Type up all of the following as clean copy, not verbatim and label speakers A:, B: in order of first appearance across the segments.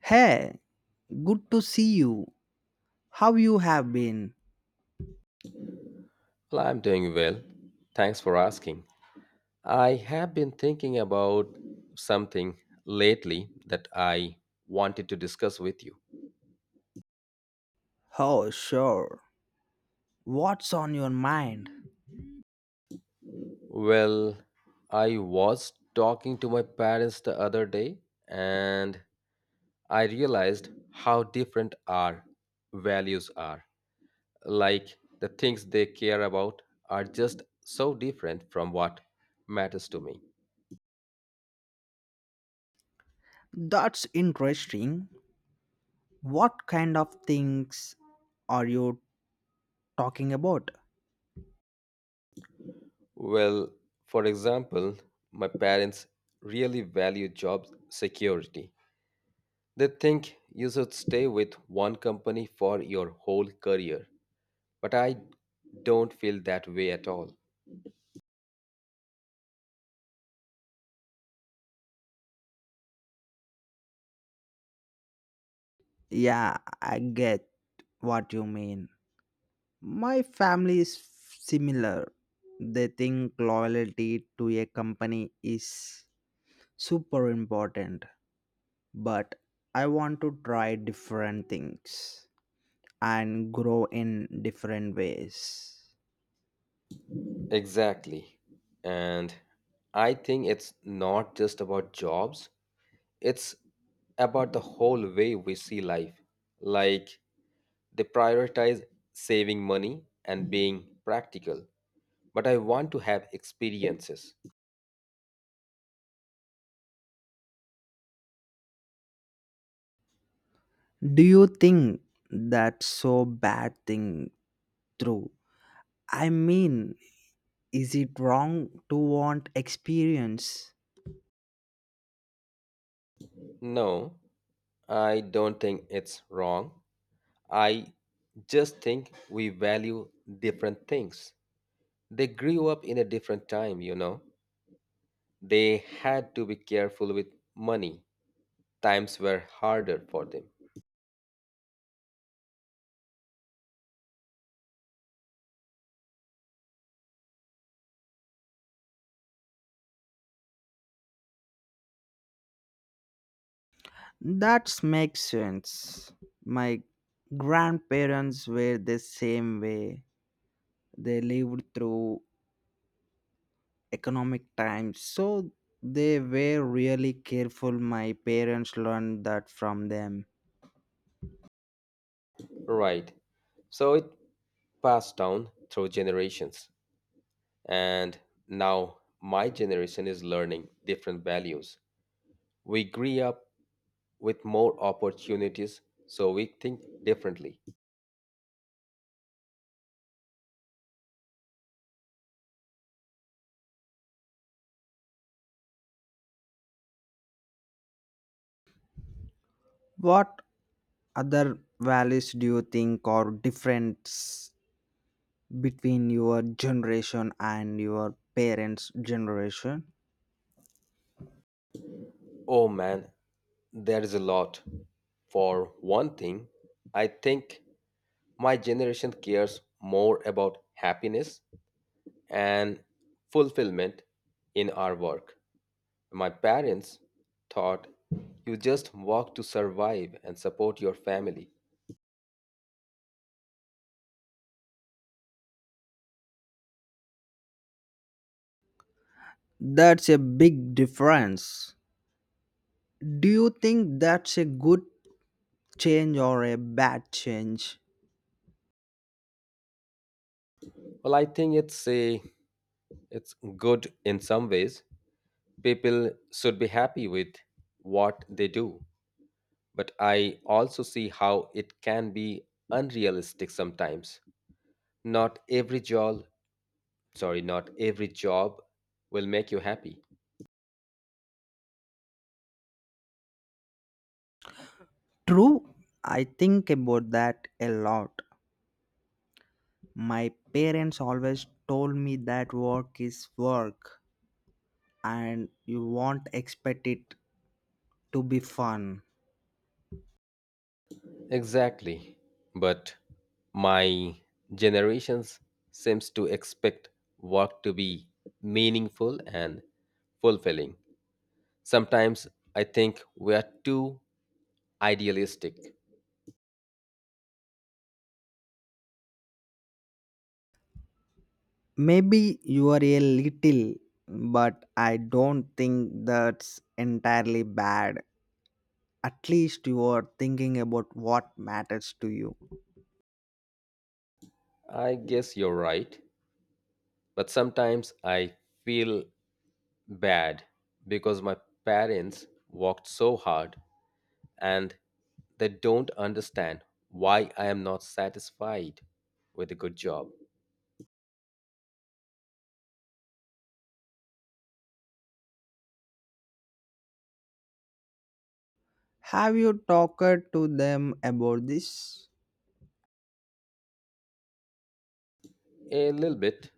A: Hey, good to see you. How you have been?
B: Well, I'm doing well. Thanks for asking. I have been thinking about something lately that I wanted to discuss with you.
A: Oh, sure. What's on your mind?
B: Well, I was talking to my parents the other day and I realized how different our values are. Like the things they care about are just so different from what matters to me.
A: That's interesting. What kind of things are you talking about?
B: Well, for example, my parents really value job security. They think you should stay with one company for your whole career. But I don't feel that way at all.
A: Yeah, I get what you mean. My family is similar. They think loyalty to a company is super important, but I want to try different things and grow in different ways.
B: Exactly. And I think it's not just about jobs, it's about the whole way we see life. Like they prioritize saving money and being practical. But I want to have experiences.
A: Do you think that's so bad thing through? I mean, is it wrong to want experience?
B: No, I don't think it's wrong. I just think we value different things. They grew up in a different time, you know. They had to be careful with money. Times were harder for them.
A: That makes sense. My grandparents were the same way. They lived through economic times, so they were really careful. My parents learned that from them.
B: Right. So it passed down through generations. And now my generation is learning different values. We grew up with more opportunities, so we think differently.
A: What other values do you think are difference between your generation and your parents generation?
B: Oh man, there is a lot. For one thing, I think my generation cares more about happiness and fulfillment in our work. My parents thought you just work to survive and support your family.
A: That's a big difference. Do you think that's a good change or a bad change?
B: Well, I think it's good in some ways. People should be happy with what they do, but I also see how it can be unrealistic sometimes. Not every job Sorry, not every job will make you happy.
A: True, I think about that a lot. My parents always told me that work is work and you won't expect it to be fun.
B: Exactly. But my generations seems to expect work to be meaningful and fulfilling. Sometimes I think we are too idealistic.
A: Maybe you are a little, but I don't think that's entirely bad. At least you are thinking about what matters to you.
B: I guess you're right, but sometimes I feel bad because my parents worked so hard and they don't understand why I am not satisfied with a good job.
A: Have you talked to them about this?
B: A little bit,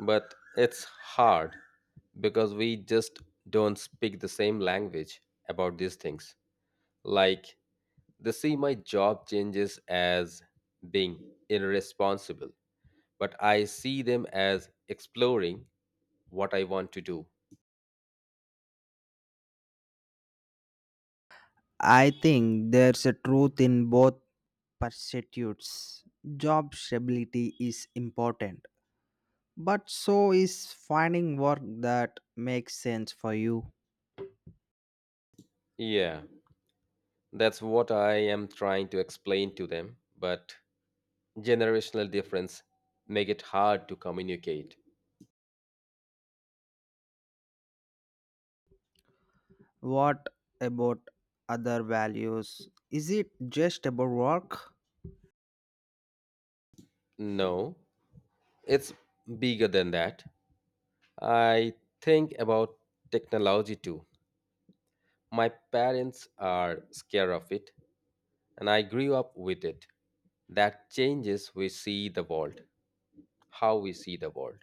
B: but it's hard because we just don't speak the same language about these things. Like, they see my job changes as being irresponsible, but I see them as exploring what I want to do.
A: I think there's a truth in both pursuits. Job stability is important, but so is finding work that makes sense for you.
B: Yeah, that's what I am trying to explain to them, but generational difference make it hard to communicate.
A: What about other values? Is it just about work?
B: No, it's bigger than that. I think about technology too. My parents are scared of it, and I grew up with it. That changes we see the world, how we see the world.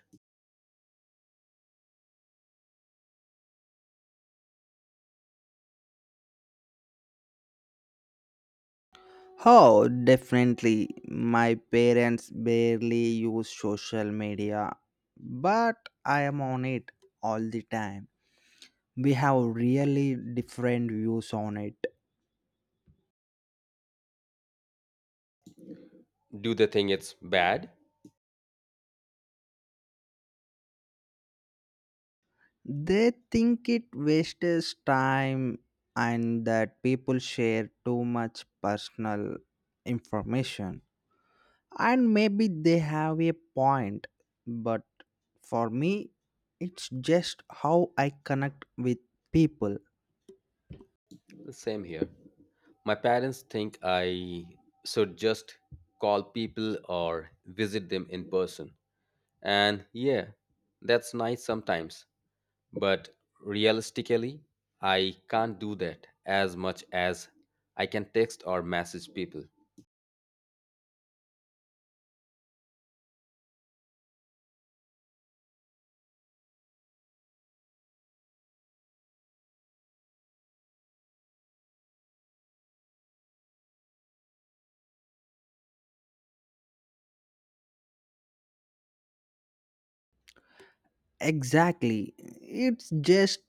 A: Oh, definitely. My parents barely use social media, but I am on it all the time. We have really different views on it.
B: Do they think it's bad?
A: They think it wastes time and that people share too much personal information. And maybe they have a point, but for me, it's just how I connect with people.
B: Same here. My parents think I should just call people or visit them in person. And yeah, that's nice sometimes. But realistically, I can't do that as much as I can text or message people.
A: Exactly. It's just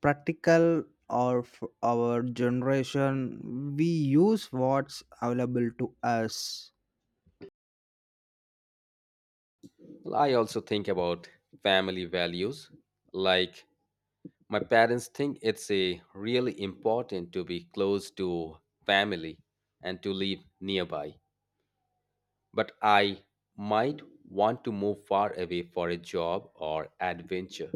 A: practical or our generation we use what's available to us.
B: Well, I also think about family values. Like, my parents think it's a really important to be close to family and to live nearby. But I might want to move far away for a job or adventure.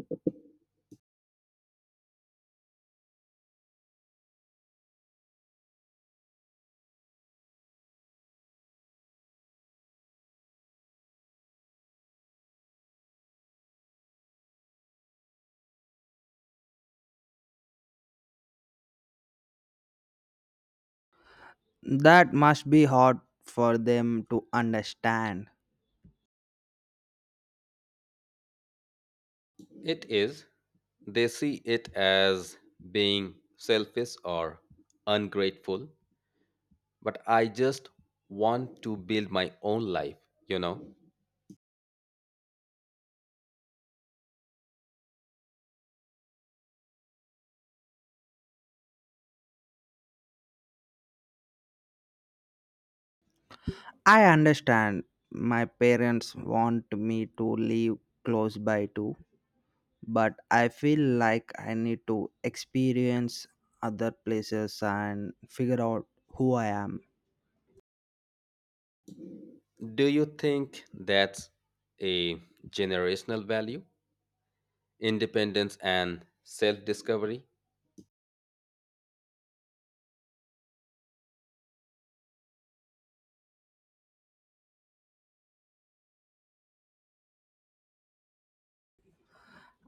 A: That must be hard for them to understand.
B: It is. They see it as being selfish or ungrateful, but I just want to build my own life, you know.
A: I understand, my parents want me to live close by too, but I feel like I need to experience other places and figure out who I am.
B: Do you think that's a generational value? Independence and self discovery?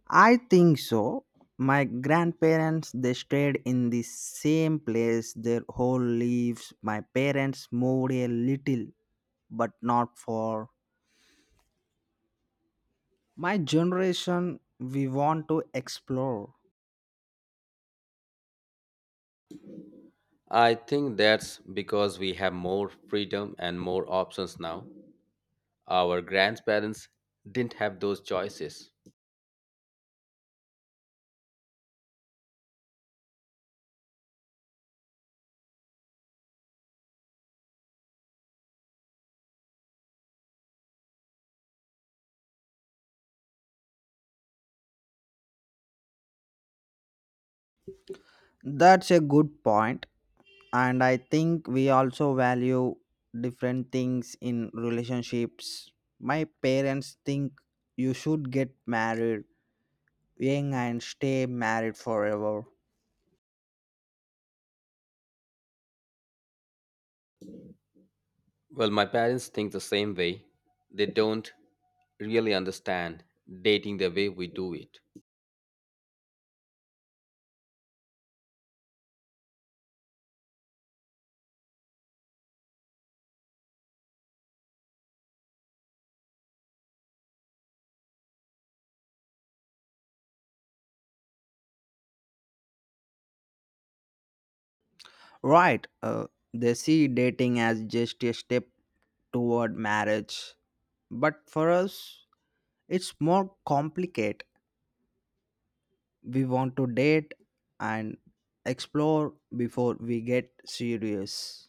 A: I think so. My grandparents they stayed in the same place their whole lives. My parents moved a little, but not far. My generation we want to explore.
B: I think that's because we have more freedom and more options now. Our grandparents didn't have those choices.
A: That's a good point, and I think we also value different things in relationships. My parents think you should get married young and stay married forever.
B: Well, my parents think the same way. They don't really understand dating the way we do it.
A: Right. They see dating as just a step toward marriage. But for us, it's more complicated. We want to date and explore before we get serious.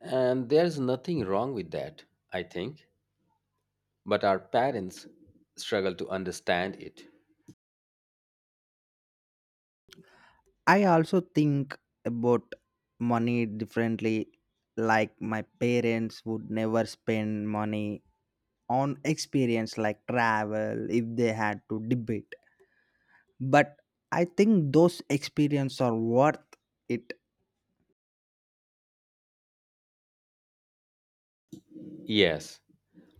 B: And there's nothing wrong with that, I think. But our parents struggle to understand it.
A: I also think about money differently. Like my parents would never spend money on experience like travel if they had to debate. But I think those experiences are worth it.
B: Yes,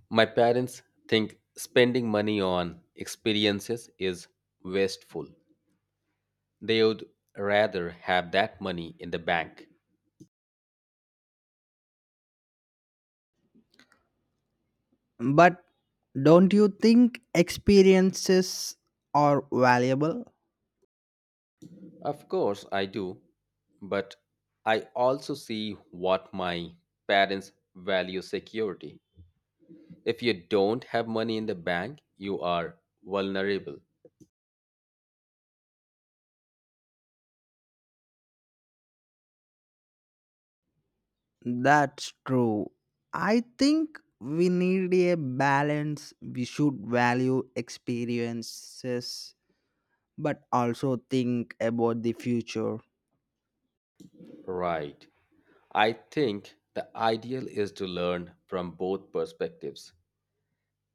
B: my parents think spending money on experiences is wasteful. They would rather have that money in the bank.
A: But don't you think experiences are valuable?
B: Of course, I do, but I also see what my parents value security. If you don't have money in the bank, you are vulnerable.
A: That's true. I think we need a balance. We should value experiences, but also think about the future.
B: Right. I think the ideal is to learn from both perspectives.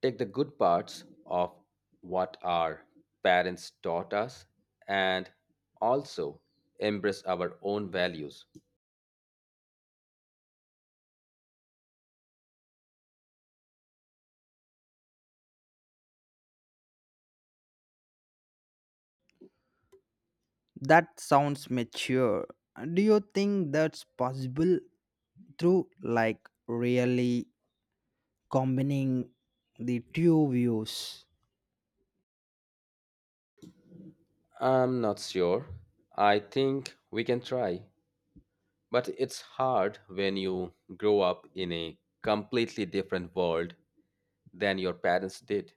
B: Take the good parts of what our parents taught us and also embrace our own values.
A: That sounds mature. Do you think that's possible through like really combining the two views?
B: I'm not sure. I think we can try, but it's hard when you grow up in a completely different world than your parents did.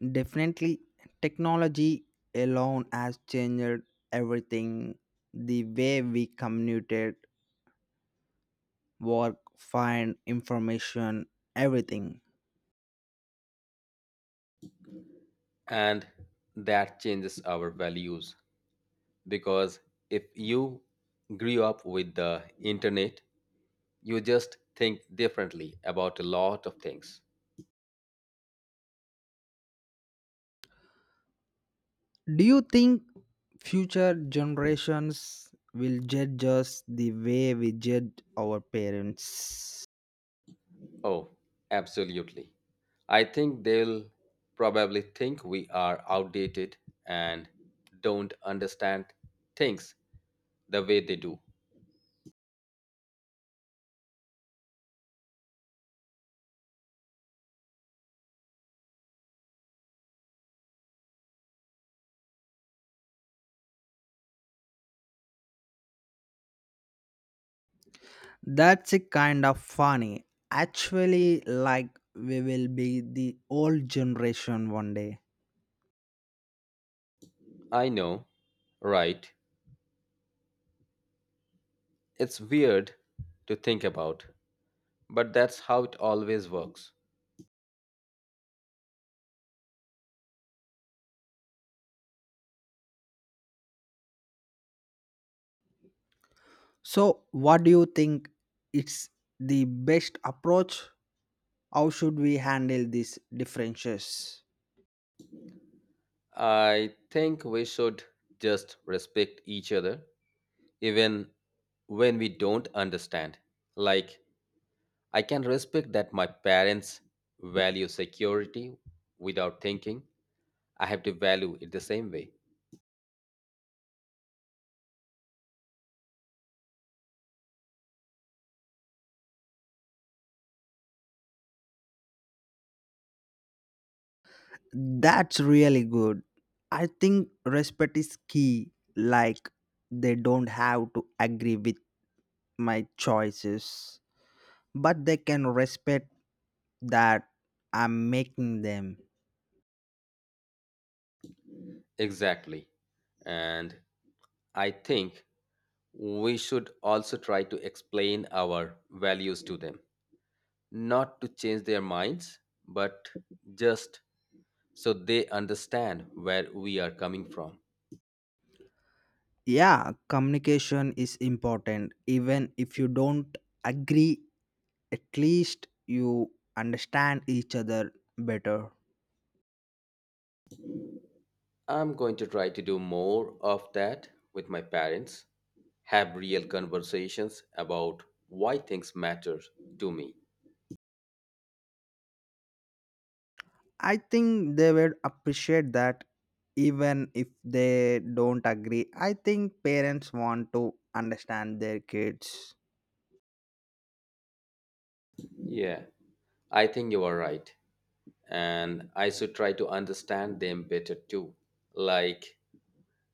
A: Definitely, technology alone has changed everything, the way we communicate, work, find information, everything.
B: And that changes our values because if you grew up with the internet you just think differently about a lot of things.
A: Do you think future generations will judge us the way we judge our parents?
B: Oh, absolutely. I think they'll probably think we are outdated and don't understand things the way they do.
A: That's a kind of funny. Actually, like we will be the old generation one day.
B: I know, right. It's weird to think about, but that's how it always works.
A: So, what do you think it's the best approach? How should we handle these differences?
B: I think we should just respect each other, even when we don't understand. Like, I can respect that my parents value security without thinking I have to value it the same way.
A: That's really good. I think respect is key. Like, they don't have to agree with my choices, but they can respect that I'm making them.
B: Exactly. And I think we should also try to explain our values to them, not to change their minds, but just so they understand where we are coming from.
A: Yeah, communication is important, even if you don't agree, at least you understand each other better.
B: I'm going to try to do more of that with my parents, have real conversations about why things matter to me.
A: I think they will appreciate that. Even if they don't agree, I think parents want to understand their kids.
B: Yeah, I think you are right. And I should try to understand them better too, like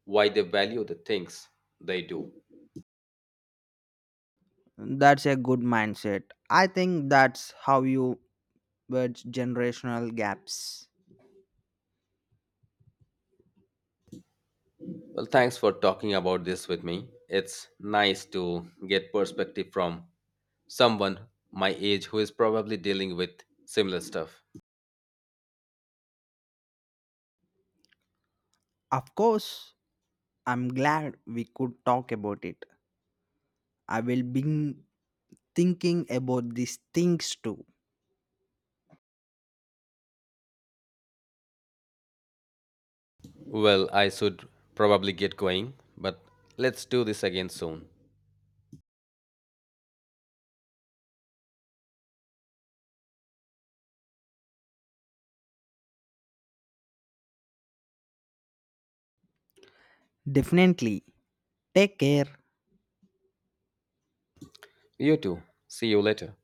B: why they value the things they do.
A: That's a good mindset. I think that's how you bridge generational gaps.
B: Well, thanks for talking about this with me. It's nice to get perspective from someone my age who is probably dealing with similar stuff.
A: Of course, I'm glad we could talk about it. I will bring thinking about these things too.
B: Well, I should probably get going, but let's do this again soon.
A: Definitely. Take care.
B: You too. See you later.